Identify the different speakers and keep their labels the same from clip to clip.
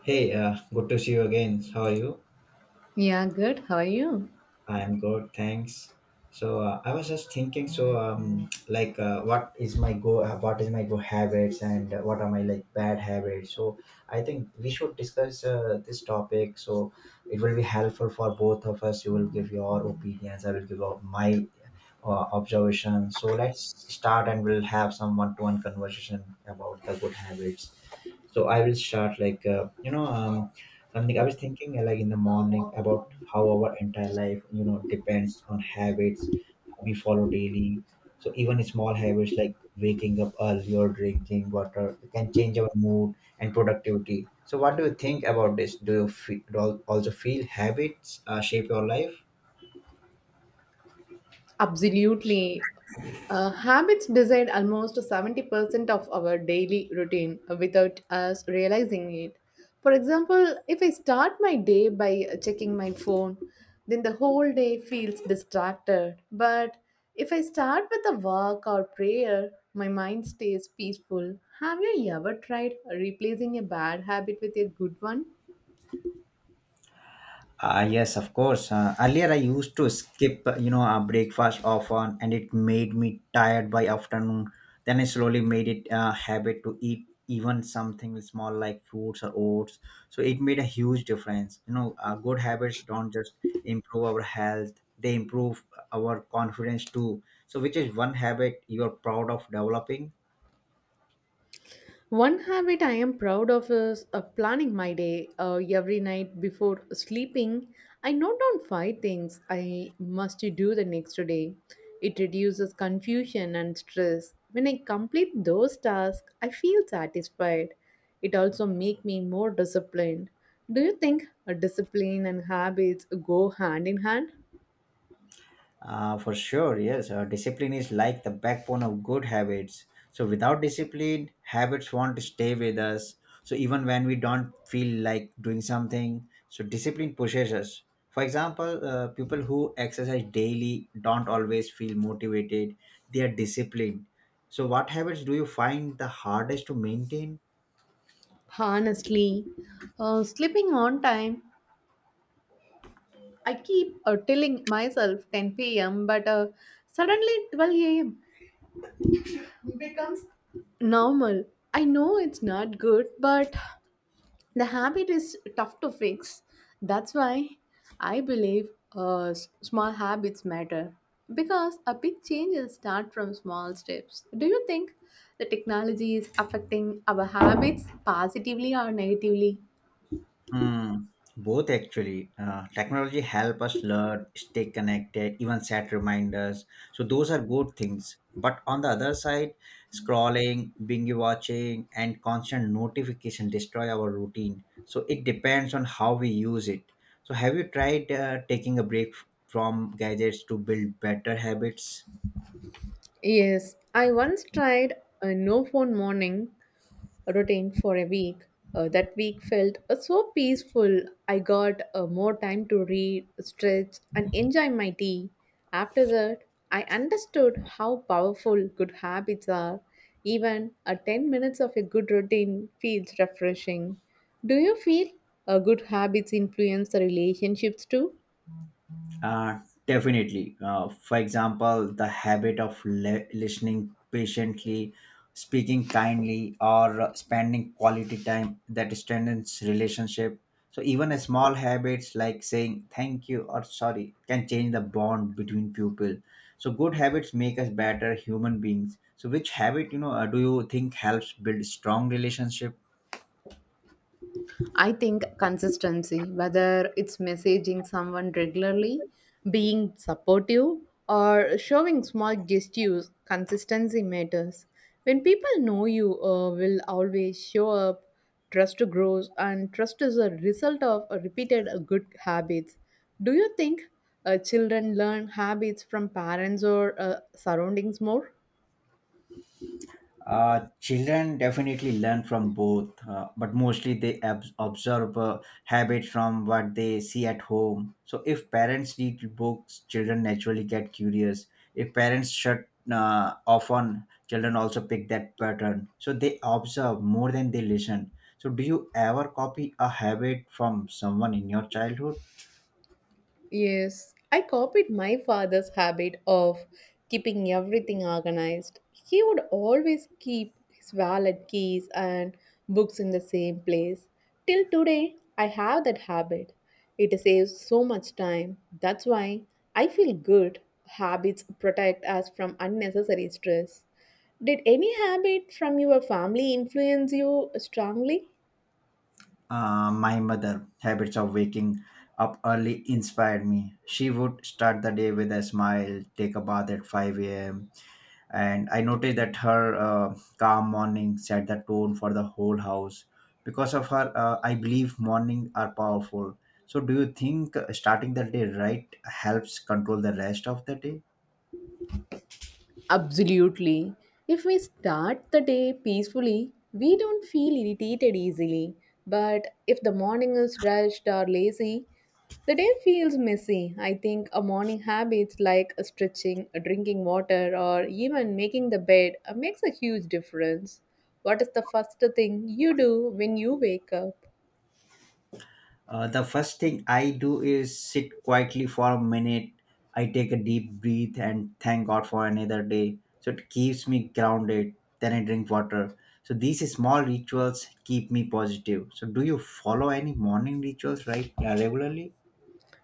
Speaker 1: Hey, good to see you again. How are you?
Speaker 2: Yeah, good. How are you?
Speaker 1: I am good, thanks. So I was just thinking. So like, what is my go? What is my go habits, and what are my like bad habits? So I think we should discuss this topic. So it will be helpful for both of us. You will give your opinions. I will give out my observations. So let's start, and we'll have some one-to-one conversation about the good habits. So I will start like something I was thinking like in the morning about how our entire life depends on habits we follow daily. So even small habits like waking up early or drinking water can change our mood and productivity. So what do you think about this? Do you feel, also feel habits shape your life?
Speaker 2: Absolutely. Habits decide almost 70% of our daily routine without us realizing it. For example, if I start my day by checking my phone, then the whole day feels distracted. But if I start with a walk or prayer, my mind stays peaceful. Have you ever tried replacing a bad habit with a good one?
Speaker 1: Ah, yes, of course. Earlier, I used to skip, breakfast often, and it made me tired by afternoon. Then I slowly made it a habit to eat even something small like fruits or oats. So it made a huge difference. Good habits don't just improve our health; they improve our confidence too. So, which is one habit you are proud of developing?
Speaker 2: One habit I am proud of is planning my day every night before sleeping. I note down five things I must do the next day. It reduces confusion and stress. When I complete those tasks, I feel satisfied. It also makes me more disciplined. Do you think discipline and habits go hand in hand?
Speaker 1: For sure, yes. Discipline is like the backbone of good habits. So, without discipline, habits won't stay with us. So, even when we don't feel like doing something, so discipline pushes us. For example, people who exercise daily don't always feel motivated, they are disciplined. So, what habits do you find the hardest to maintain?
Speaker 2: Honestly, sleeping on time, I keep telling myself 10 p.m., but suddenly 12 a.m. Normal. I know it's not good, but the habit is tough to fix. That's why I believe small habits matter because a big changes start from small steps. Do you think the technology is affecting our habits positively or negatively?
Speaker 1: Mm, both actually. Technology help us learn, stay connected, even set reminders. So those are good things. But on the other side, scrolling, binge watching, and constant notification destroy our routine. So it depends on how we use it. So have you tried taking a break from gadgets to build better habits?
Speaker 2: Yes, I once tried a no phone morning routine for a week. That week felt so peaceful. I got more time to read, stretch, and enjoy my tea. After that, I understood how powerful good habits are. Even a 10 minutes of a good routine feels refreshing. Do you feel good habits influence the relationships too?
Speaker 1: Uh, definitely. For example, the habit of listening patiently, speaking kindly, or spending quality time, that strengthens relationship. So even a small habits like saying thank you or sorry can change the bond between people. So good habits make us better human beings. So which habit do you think helps build strong relationship?
Speaker 2: I think consistency, whether it's messaging someone regularly, being supportive, or showing small gestures, consistency matters. When people know you will always show up, trust grows, and trust is a result of a repeated good habits. Do you think children learn habits from parents or surroundings more?
Speaker 1: Children definitely learn from both, but mostly they observe habits from what they see at home. So, if parents read books, children naturally get curious. If parents shut off on, children also pick that pattern. So, they observe more than they listen. So, do you ever copy a habit from someone in your childhood?
Speaker 2: Yes, I copied my father's habit of keeping everything organized. He would always keep his wallet, keys, and books in the same place. Till today, I have that habit. It saves so much time. That's why I feel good. Habits protect us from unnecessary stress. Did any habit from your family influence you strongly?
Speaker 1: My mother habits of waking up early inspired me. She would start the day with a smile, take a bath at 5 a.m., and I noticed that her calm morning set the tone for the whole house. Because of her, I believe morning are powerful. So, do you think starting the day right helps control the rest of the day?
Speaker 2: Absolutely. If we start the day peacefully, we don't feel irritated easily. But if the morning is rushed or lazy, the day feels messy. I think a morning habits like stretching, drinking water, or even making the bed makes a huge difference. What is the first thing you do when you wake up?
Speaker 1: The first thing I do is sit quietly for a minute. I take a deep breath and thank God for another day. So it keeps me grounded. Then I drink water. So these small rituals keep me positive. So do you follow any morning rituals right? Yeah, regularly?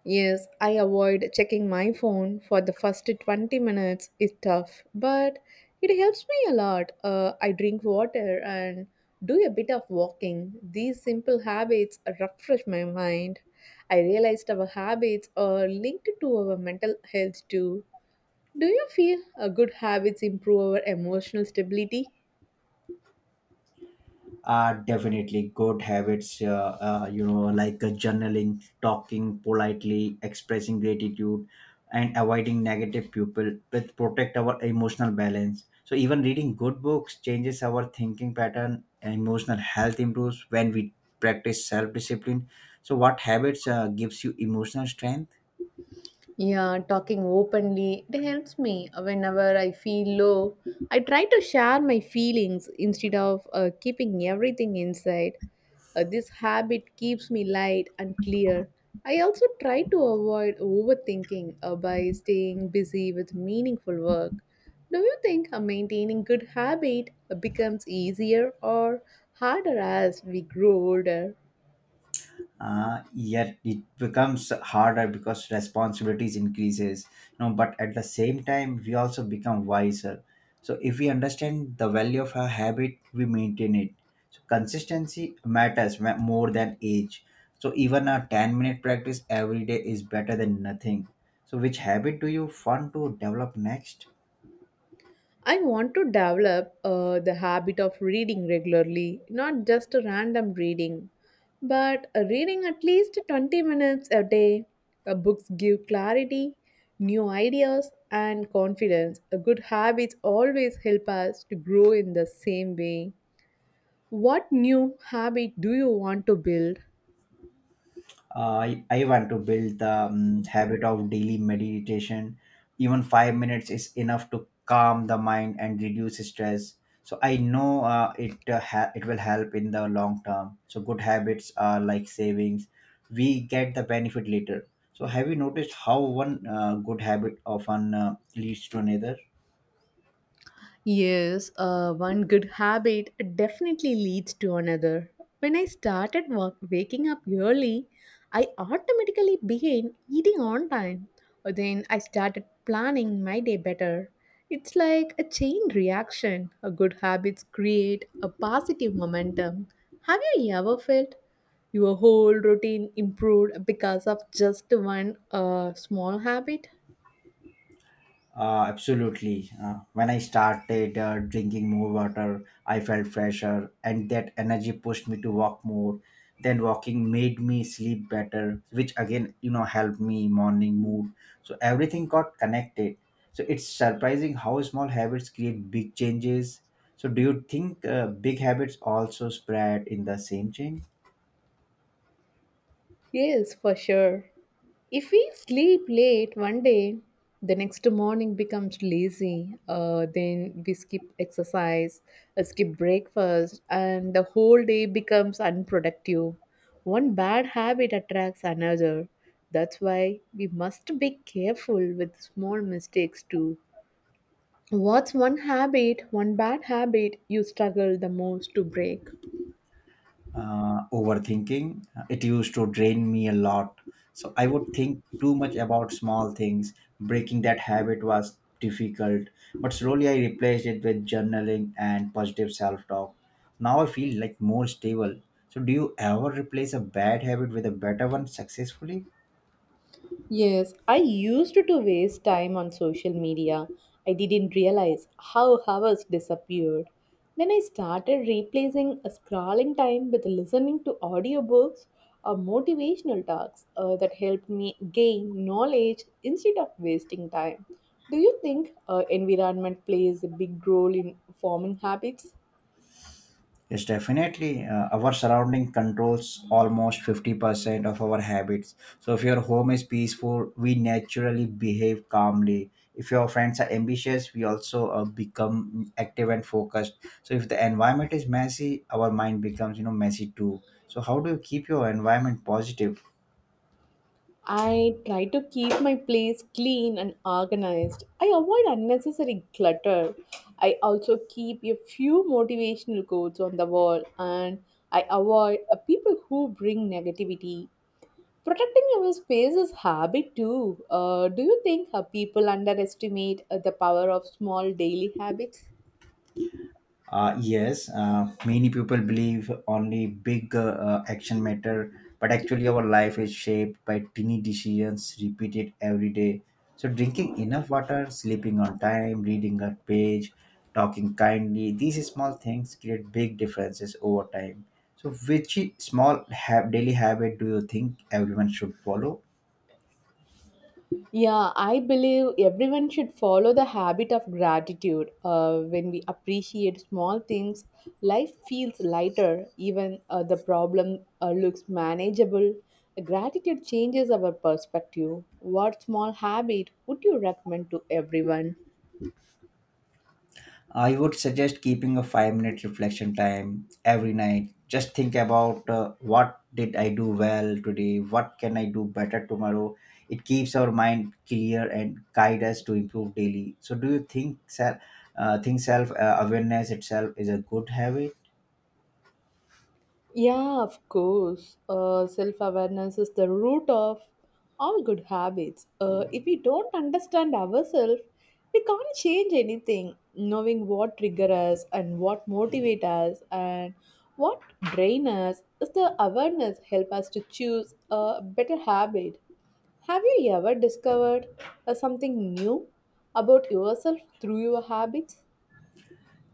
Speaker 2: Yes, I avoid checking my phone for the first 20 minutes is tough, but it helps me a lot. I drink water and do a bit of walking. These simple habits refresh my mind. I realized our habits are linked to our mental health too. Do you feel good habits improve our emotional stability?
Speaker 1: Are definitely good habits journaling, talking politely, expressing gratitude, and avoiding negative people. With protect our emotional balance, so even reading good books changes our thinking pattern, and emotional health improves when we practice self-discipline. So what habits gives you emotional strength?
Speaker 2: Yeah, talking openly, it helps me. Whenever I feel low, I try to share my feelings instead of keeping everything inside. This habit keeps me light and clear. I also try to avoid overthinking by staying busy with meaningful work. Do you think maintaining good habit becomes easier or harder as we grow older?
Speaker 1: Uh, yet it becomes harder because responsibilities increases, but at the same time we also become wiser. So if we understand the value of a habit, we maintain it. So consistency matters more than age. So even a 10-minute practice every day is better than nothing. So which habit do you want to develop next?
Speaker 2: I want to develop the habit of reading regularly, not just a random reading, but a reading at least 20 minutes a day. Books give clarity, new ideas, and confidence. A good habits always help us to grow in the same way. What new habit do you want to build?
Speaker 1: I want to build the habit of daily meditation. Even 5 minutes is enough to calm the mind and reduce stress. So I know it will help in the long term. So good habits are like savings; we get the benefit later. So have you noticed how one good habit often leads to another?
Speaker 2: Yes, one good habit definitely leads to another. When I started work, waking up early, I automatically began eating on time. Then I started planning my day better. It's like a chain reaction. A good habits create a positive momentum. Have you ever felt your whole routine improved because of just one small habit?
Speaker 1: Absolutely. When I started drinking more water, I felt fresher, and that energy pushed me to walk more. Then walking made me sleep better, which again, helped me morning mood. So everything got connected. So it's surprising how small habits create big changes. So do you think big habits also spread in the same chain?
Speaker 2: Yes, for sure. If we sleep late one day, the next morning becomes lazy. Then we skip exercise, skip breakfast, and the whole day becomes unproductive. One bad habit attracts another. That's why we must be careful with small mistakes too. What's one habit, one bad habit you struggle the most to break?
Speaker 1: Uh, overthinking. It used to drain me a lot. So I would think too much about small things. Breaking that habit was difficult, but slowly I replaced it with journaling and positive self talk. Now I feel like more stable. So, do you ever replace a bad habit with a better one successfully?
Speaker 2: Yes, I used to waste time on social media. I didn't realize how hours disappeared. Then I started replacing a scrolling time with listening to audiobooks or motivational talks that helped me gain knowledge instead of wasting time. Do you think environment plays a big role in forming habits?
Speaker 1: Yes, definitely. Our surrounding controls almost 50% of our habits. So, if your home is peaceful, we naturally behave calmly. If your friends are ambitious, we also become active and focused. So, if the environment is messy, our mind becomes, messy too. So, how do you keep your environment positive?
Speaker 2: I try to keep my place clean and organized. I avoid unnecessary clutter. I also keep a few motivational quotes on the wall and I avoid people who bring negativity. Protecting our space is habit too. Do you think people underestimate the power of small daily habits?
Speaker 1: Yes, many people believe only big action matter, but actually our life is shaped by tiny decisions repeated every day. So drinking enough water, sleeping on time, reading a page, talking kindly, these small things create big differences over time. So which small daily habit do you think everyone should follow?
Speaker 2: Yeah, I believe everyone should follow the habit of gratitude. When we appreciate small things, life feels lighter, even the problem looks manageable. Gratitude changes our perspective. What small habit would you recommend to everyone?
Speaker 1: I would suggest keeping a 5 minute reflection time every night. Just think about, what did I do well today? What can I do better tomorrow? It keeps our mind clear and guide us to improve daily. So, do you think self awareness itself is a good habit?
Speaker 2: Yeah, of course. Self awareness is the root of all good habits. If we don't understand ourselves, we can't change anything. Knowing what trigger us and what motivate us and what drain us is the awareness help us to choose a better habit. Have you ever discovered something new about yourself through your habits?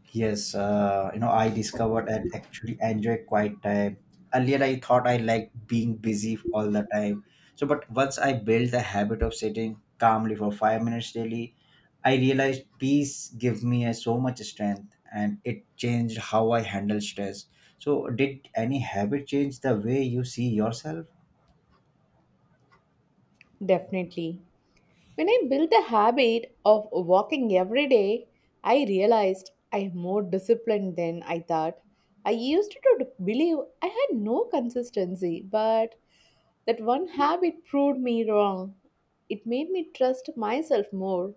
Speaker 1: Yes, I discovered and actually enjoy quiet time. Earlier, I thought I liked being busy all the time. So, but once I built the habit of sitting calmly for 5 minutes daily, I realized peace gave me a, so much strength, and it changed how I handle stress. So, did any habit change the way you see yourself?
Speaker 2: Definitely. When I built a habit of walking every day, I realized I am more disciplined than I thought. I used to believe I had no consistency, but that one habit proved me wrong. It made me trust myself more.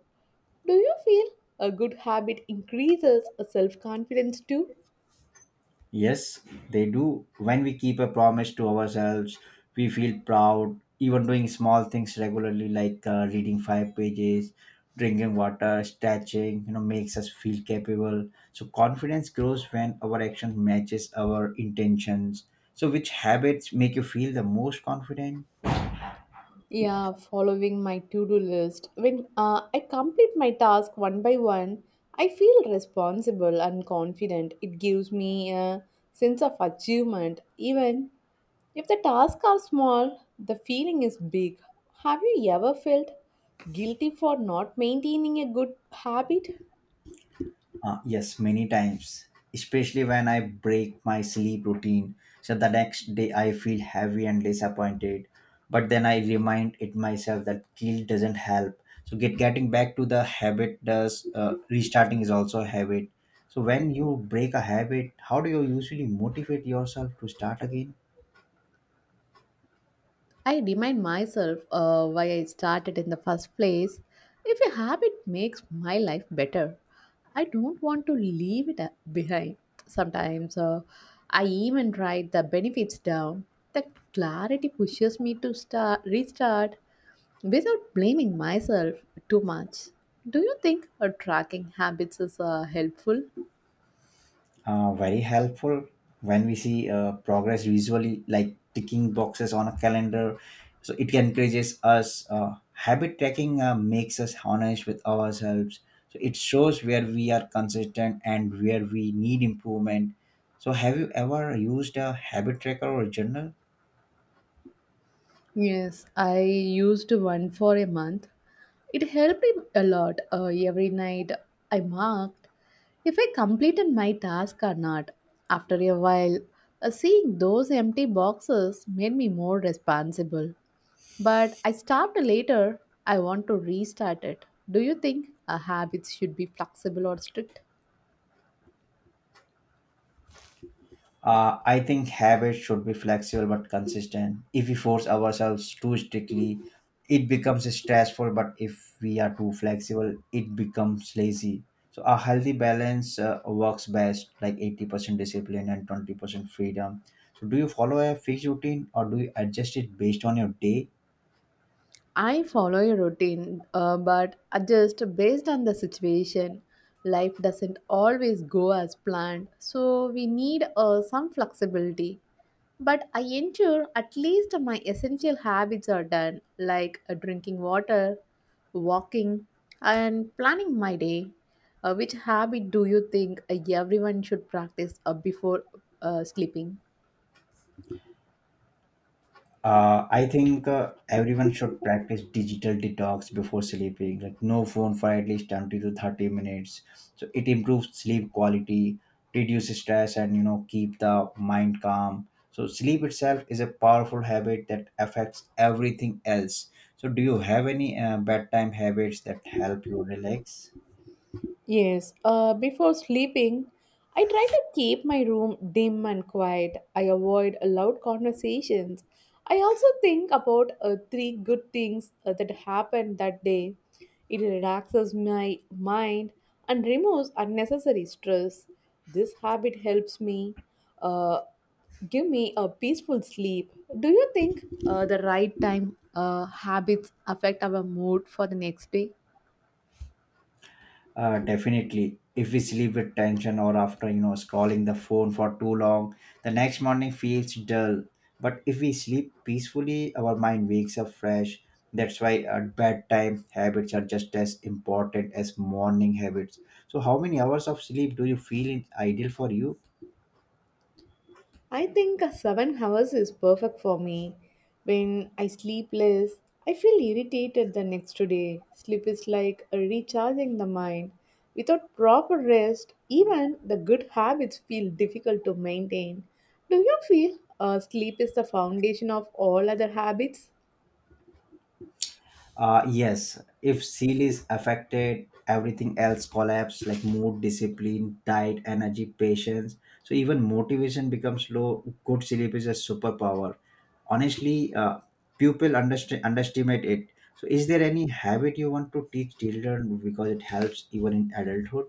Speaker 2: Do you feel a good habit increases self confidence too?
Speaker 1: Yes, they do. When we keep a promise to ourselves, we feel proud. Even doing small things regularly, like reading five pages, drinking water, stretching, makes us feel capable. So confidence grows when our action matches our intentions. So, which habits make you feel the most confident?
Speaker 2: Yeah, following my to-do list. When I complete my task one by one, I feel responsible and confident. It gives me a sense of achievement. Even if the tasks are small, the feeling is big. Have you ever felt guilty for not maintaining a good habit?
Speaker 1: Yes, many times, especially when I break my sleep routine. So the next day I feel heavy and disappointed. But then I remind it myself that guilt doesn't help. So getting back to the habit does, restarting is also a habit. So when you break a habit, how do you usually motivate yourself to start again?
Speaker 2: I remind myself why I started in the first place. If a habit makes my life better, I don't want to leave it behind. Sometimes I even write the benefits down. The clarity pushes me to start restart without blaming myself too much. Do you think tracking habits is helpful?
Speaker 1: Uh, very helpful when we see progress visually, like ticking boxes on a calendar. So it encourages us. Uh, habit tracking makes us honest with ourselves. So it shows where we are consistent and where we need improvement. So have you ever used a habit tracker or journal?
Speaker 2: Yes, I used one for a month. It helped me a lot. Every night I marked if I completed my task or not. After a while, seeing those empty boxes made me more responsible. But I stopped later. I want to restart it. Do you think habits should be flexible or strict?
Speaker 1: I think habits should be flexible but consistent. If we force ourselves too strictly, it becomes stressful, but if we are too flexible, it becomes lazy. So a healthy balance works best, like 80% discipline and 20% freedom. So do you follow a fixed routine or do you adjust it based on your day?
Speaker 2: I follow a routine, but adjust based on the situation. Life doesn't always go as planned, so we need some flexibility. But I ensure at least my essential habits are done, like drinking water, walking, and planning my day. Which habit do you think everyone should practice before sleeping?
Speaker 1: I think everyone should practice digital detox before sleeping, like no phone for at least 20 to 30 minutes. So it improves sleep quality, reduces stress, and keep the mind calm. So sleep itself is a powerful habit that affects everything else. So do you have any bedtime habits that help you relax?
Speaker 2: Yes, before sleeping, I try to keep my room dim and quiet. I avoid loud conversations. I also think about three good things that happened that day. It relaxes my mind and removes unnecessary stress. This habit helps me uh, give me a peaceful sleep. Do you think the right time habits affect our mood for the next day?
Speaker 1: Definitely. If we sleep with tension or after, scrolling the phone for too long, the next morning feels dull. But if we sleep peacefully, our mind wakes up fresh. That's why at bedtime habits are just as important as morning habits. So, how many hours of sleep do you feel is ideal for you?
Speaker 2: I think a 7 hours is perfect for me. When I sleep less, I feel irritated the next day. Sleep is like a recharging the mind. Without proper rest, even the good habits feel difficult to maintain. Do you feel sleep is the foundation of all other habits?
Speaker 1: Yes, if seal is affected, everything else collapse like mood, discipline, diet, energy, patience. So even motivation becomes low. Good sleep is a superpower. Honestly, people underestimate it. So is there any habit you want to teach children because it helps even in adulthood?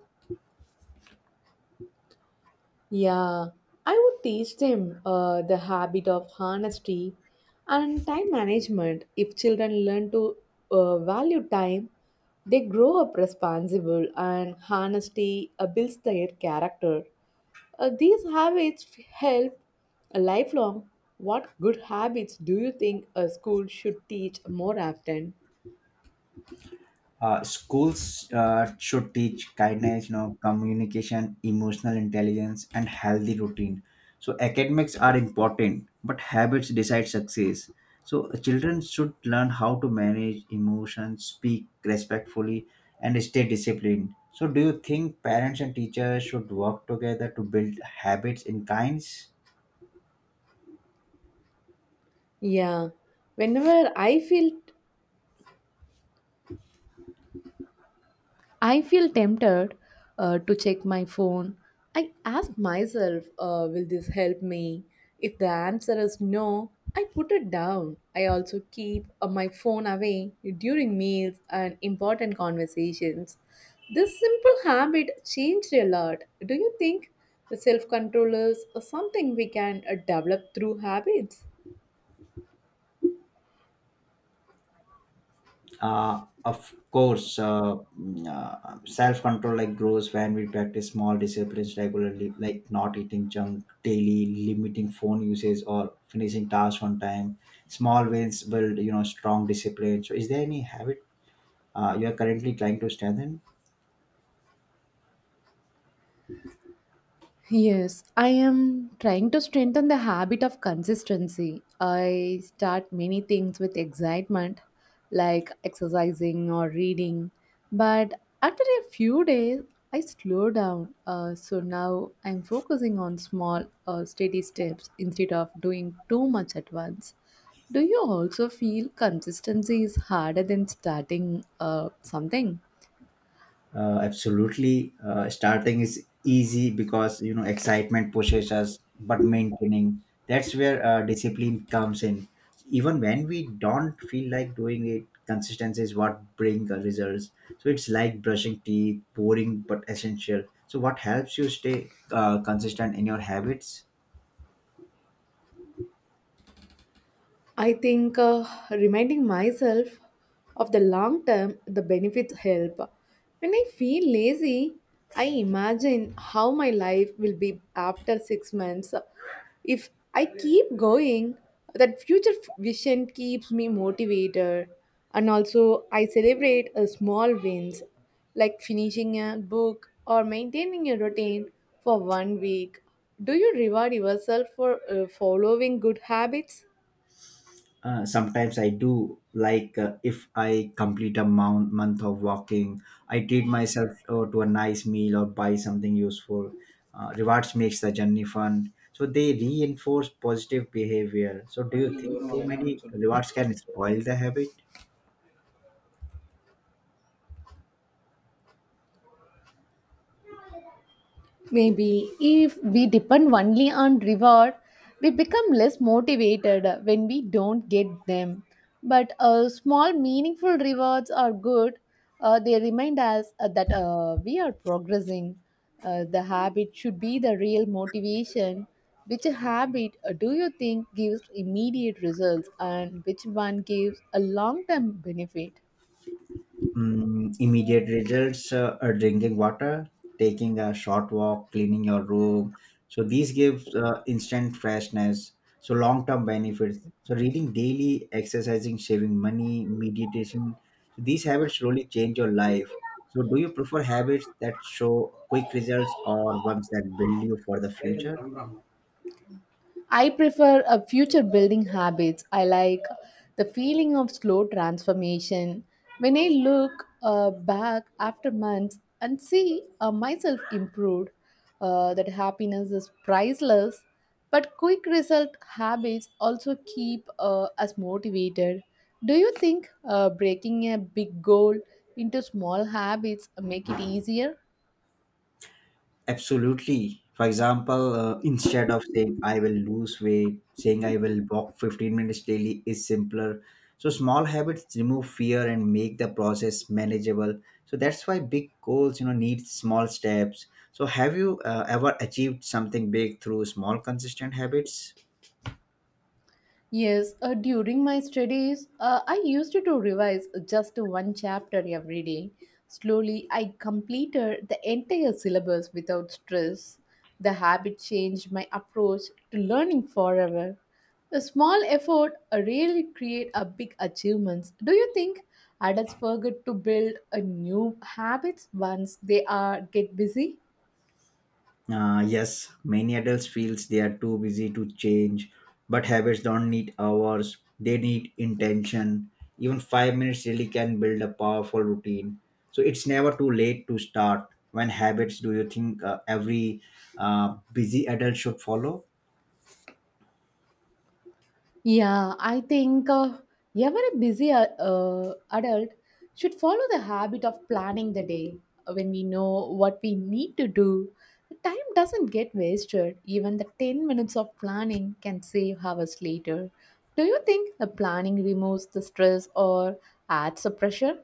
Speaker 2: Yeah, I would teach them the habit of honesty and time management. If children learn to value time, they grow up responsible, and honesty builds their character. These habits help lifelong. What good habits do you think a school should teach more often?
Speaker 1: Schools should teach kindness, you know, communication, emotional intelligence, and healthy routine. So academics are important, but habits decide success. So children should learn how to manage emotions, speak respectfully, and stay disciplined. So do you think parents and teachers should work together to build habits in kinds?
Speaker 2: Yeah, whenever I feel tempted to check my phone, I ask myself, will this help me? If the answer is no, I put it down. I also keep my phone away during meals and important conversations. This simple habit changed a lot. Do you think the self control is something we can develop through habits?
Speaker 1: Of course, self-control like grows when we practice small disciplines regularly, like not eating junk daily, limiting phone usage, or finishing tasks on time. Small wins build, you know, strong discipline. So is there any habit you are currently trying to strengthen?
Speaker 2: Yes, I am trying to strengthen the habit of consistency. I start many things with excitement, like exercising or reading, but after a few days, I slow down. So now I'm focusing on small, steady steps instead of doing too much at once. Do you also feel consistency is harder than starting something?
Speaker 1: Absolutely. Starting is easy because, you know, excitement pushes us, but maintaining, that's where discipline comes in. Even when we don't feel like doing it, consistency is what brings results. So it's like brushing teeth, boring but essential. So what helps you stay consistent in your habits?
Speaker 2: I think reminding myself of the long term, the benefits help. When I feel lazy, I imagine how my life will be after 6 months. If I keep going, that future vision keeps me motivated. And also, I celebrate a small wins like finishing a book or maintaining a routine for one week. Do you reward yourself for following good habits?
Speaker 1: Sometimes I do, like, if I complete a month of walking, I treat myself to a nice meal or buy something useful. Rewards makes the journey fun, so they reinforce positive behavior. So do you
Speaker 2: இது
Speaker 1: think too
Speaker 2: வருவாங்க என்ன
Speaker 1: many
Speaker 2: சொல்லு.
Speaker 1: rewards can spoil the habit?
Speaker 2: Maybe if we depend only on reward, we become less motivated when we don't get them. But small, meaningful rewards are good. They remind us that we are progressing. The habit should be the real motivation. Which habit do you think gives immediate results, and which one gives a long term benefit?
Speaker 1: Immediate results are drinking water, taking a short walk, cleaning your room. So these gives instant freshness. So long term benefits. So reading daily, exercising, saving money, meditation. So these habits slowly change your life. So do you prefer habits that show quick results or ones that build you for the
Speaker 2: அடைதல்
Speaker 1: future?
Speaker 2: பண்றாங்க I prefer a future building habits. I like the feeling of slow transformation. When I look back after months and see myself improved, that happiness is priceless. But quick result habits also keep us motivated. Do you think breaking a big goal into small habits make it easier?
Speaker 1: Absolutely. For example, instead of saying I will lose weight, saying I will walk 15 minutes daily is simpler. So small habits remove fear and make the process manageable. So that's why big goals, you know, need small steps. So have you ever achieved something big through small consistent habits?
Speaker 2: Yes, during my studies, I used to revise just one chapter every day. Slowly, I completed the entire syllabus without stress. The habit changed my approach to learning forever. A small effort really create a big achievements. Do you think adults forget to build a new habits once they are get busy?
Speaker 1: Yes, many adults feels they are too busy to change, but habits don't need hours. They need intention. Even 5 minutes really can build a powerful routine. So it's never too late to start. When habits do you think every busy adult should follow?
Speaker 2: Yeah, I think even busy adult should follow the habit of planning the day. When we know what we need to do, the time doesn't get wasted. Even the 10 minutes of planning can save hours later. Do you think the planning removes the stress or adds the pressure?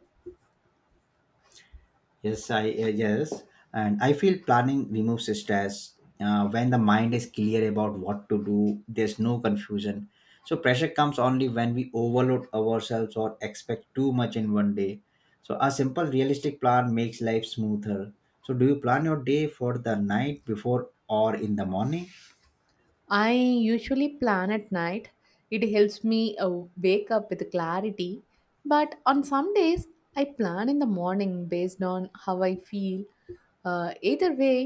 Speaker 1: Yes, I yes, and I feel planning removes stress. When the mind is clear about what to do, there's no confusion. So pressure comes only when we overload ourselves or expect too much in one day. So a simple, realistic plan makes life smoother. So do you plan your day for the night before or in the morning?
Speaker 2: I usually plan at night. It helps me wake up with clarity. But on some days, I plan in the morning based on how I feel. Either way,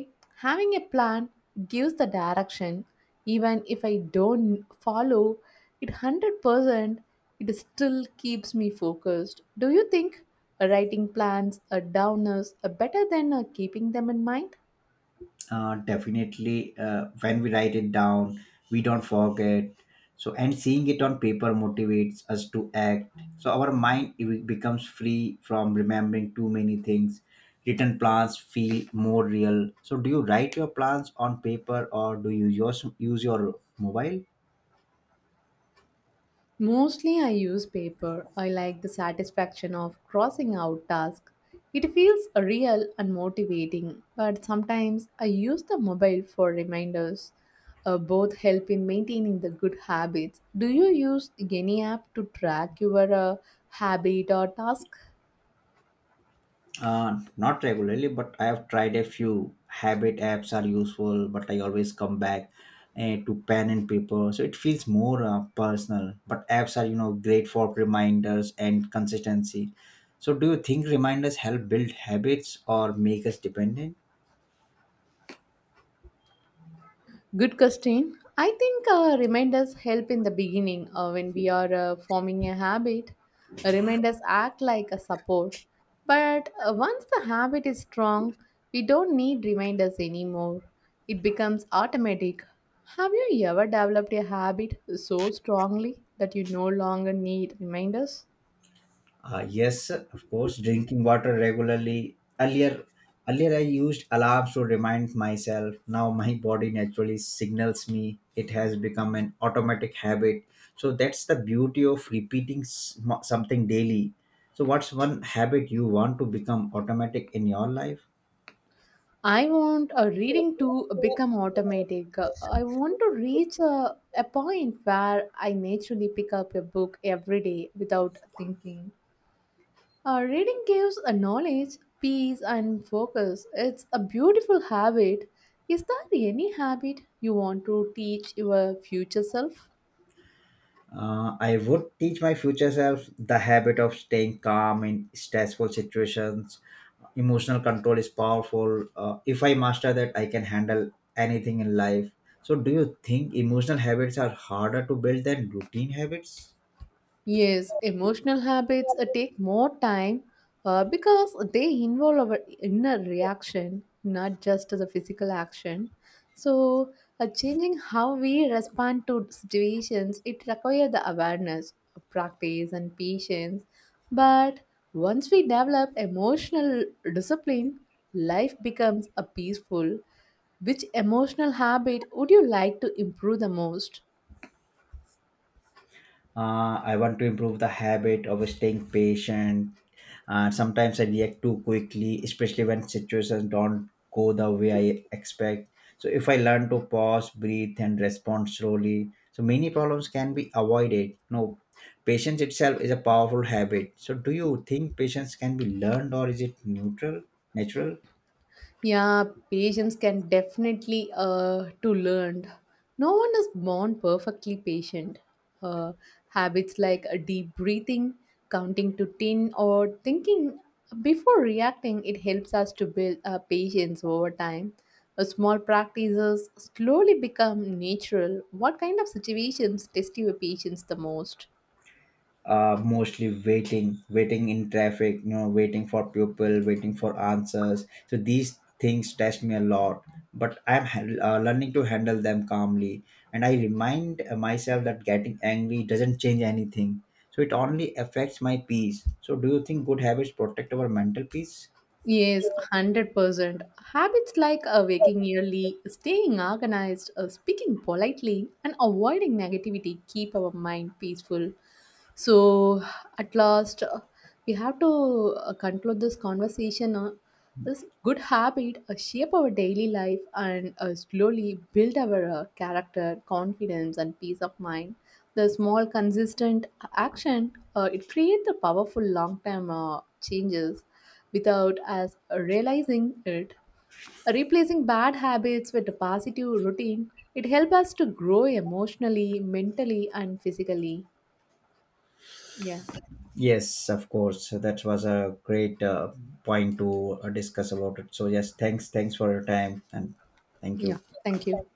Speaker 2: having a plan gives the direction. Even if I don't follow it 100%, it still keeps me focused. Do you think writing plans down is better than keeping them in mind?
Speaker 1: Definitely. When we write it down, we don't forget. So and seeing it on paper motivates us to act. So our mind, it becomes free from remembering too many things. Written plans feel more real. So do you write your plans on paper or do you use your mobile?
Speaker 2: Mostly I use paper. I like the satisfaction of crossing out tasks. It feels real and motivating, but sometimes I use the mobile for reminders. Both help in maintaining the good habits. Do you use any app to track your habit or task?
Speaker 1: Not regularly, but I have tried a few. Habit apps are useful, but I always come back to pen and paper, so it feels more personal. But apps are, you know, great for reminders and consistency. So, do you think reminders help build habits or make us dependent?
Speaker 2: Good question. I think reminders help in the beginning when we are forming a habit. Reminders act like a support. But once the habit is strong, we don't need reminders anymore. It becomes automatic. Have you ever developed a habit so strongly that you no longer need reminders?
Speaker 1: Yes, of course, drinking water regularly. Earlier I used alarms to remind myself. Now my body naturally signals me. It has become an automatic habit. So that's the beauty of repeating something daily. So what's one habit you want to become automatic in your life?
Speaker 2: I want a reading to become automatic. I want to reach a point where I naturally pick up a book every day without thinking. Reading gives a knowledge, peace, and focus. It's a beautiful habit. Is there any habit you want to teach your future self?
Speaker 1: I would teach my future self the habit of staying calm in stressful situations. Emotional control is powerful. If I master that, I can handle anything in life. So do you think emotional habits are harder to build than routine habits?
Speaker 2: Yes, emotional habits take more time because they involve our inner reaction, not just the physical action. So, changing how we respond to situations, it requires the awareness, practice, and patience. But once we develop emotional discipline, life becomes a peaceful. Which emotional habit would you like to improve the most?
Speaker 1: I want to improve the habit of staying patient. Sometimes I react too quickly, especially when situations don't go the way I expect. So if I learn to pause, breathe, and respond slowly, so many problems can be avoided. No, patience itself is a powerful habit. So do you think patience can be learned or is it neutral, natural?
Speaker 2: Yeah, patience can definitely to learn. No one is born perfectly patient. Uh, Habits like a deep breathing, counting to ten, or thinking before reacting, it helps us to build patience over time. A small practices slowly become natural. What kind of situations test your patience the most?
Speaker 1: Mostly waiting in traffic, you know, waiting for people, waiting for answers. So these things test me a lot, but I'm learning to handle them calmly. And I remind myself that getting angry doesn't change anything. So it only affects my peace. So do you think good habits protect our mental peace?
Speaker 2: Yes, 100%. Habits like waking early, staying organized, speaking politely, and avoiding negativity keep our mind peaceful. So, at last, we have to conclude this conversation. This good habit shape our daily life and slowly build our character, confidence, and peace of mind. The small, consistent action it creates a powerful long-term changes without us realizing it. Replacing bad habits with a positive routine, it helps us to grow emotionally, mentally, and physically. Yeah,
Speaker 1: Yes, of course. So that was a great point to discuss about it. So yes, thanks for your time, and thank
Speaker 2: yeah.
Speaker 1: you.
Speaker 2: Thank you.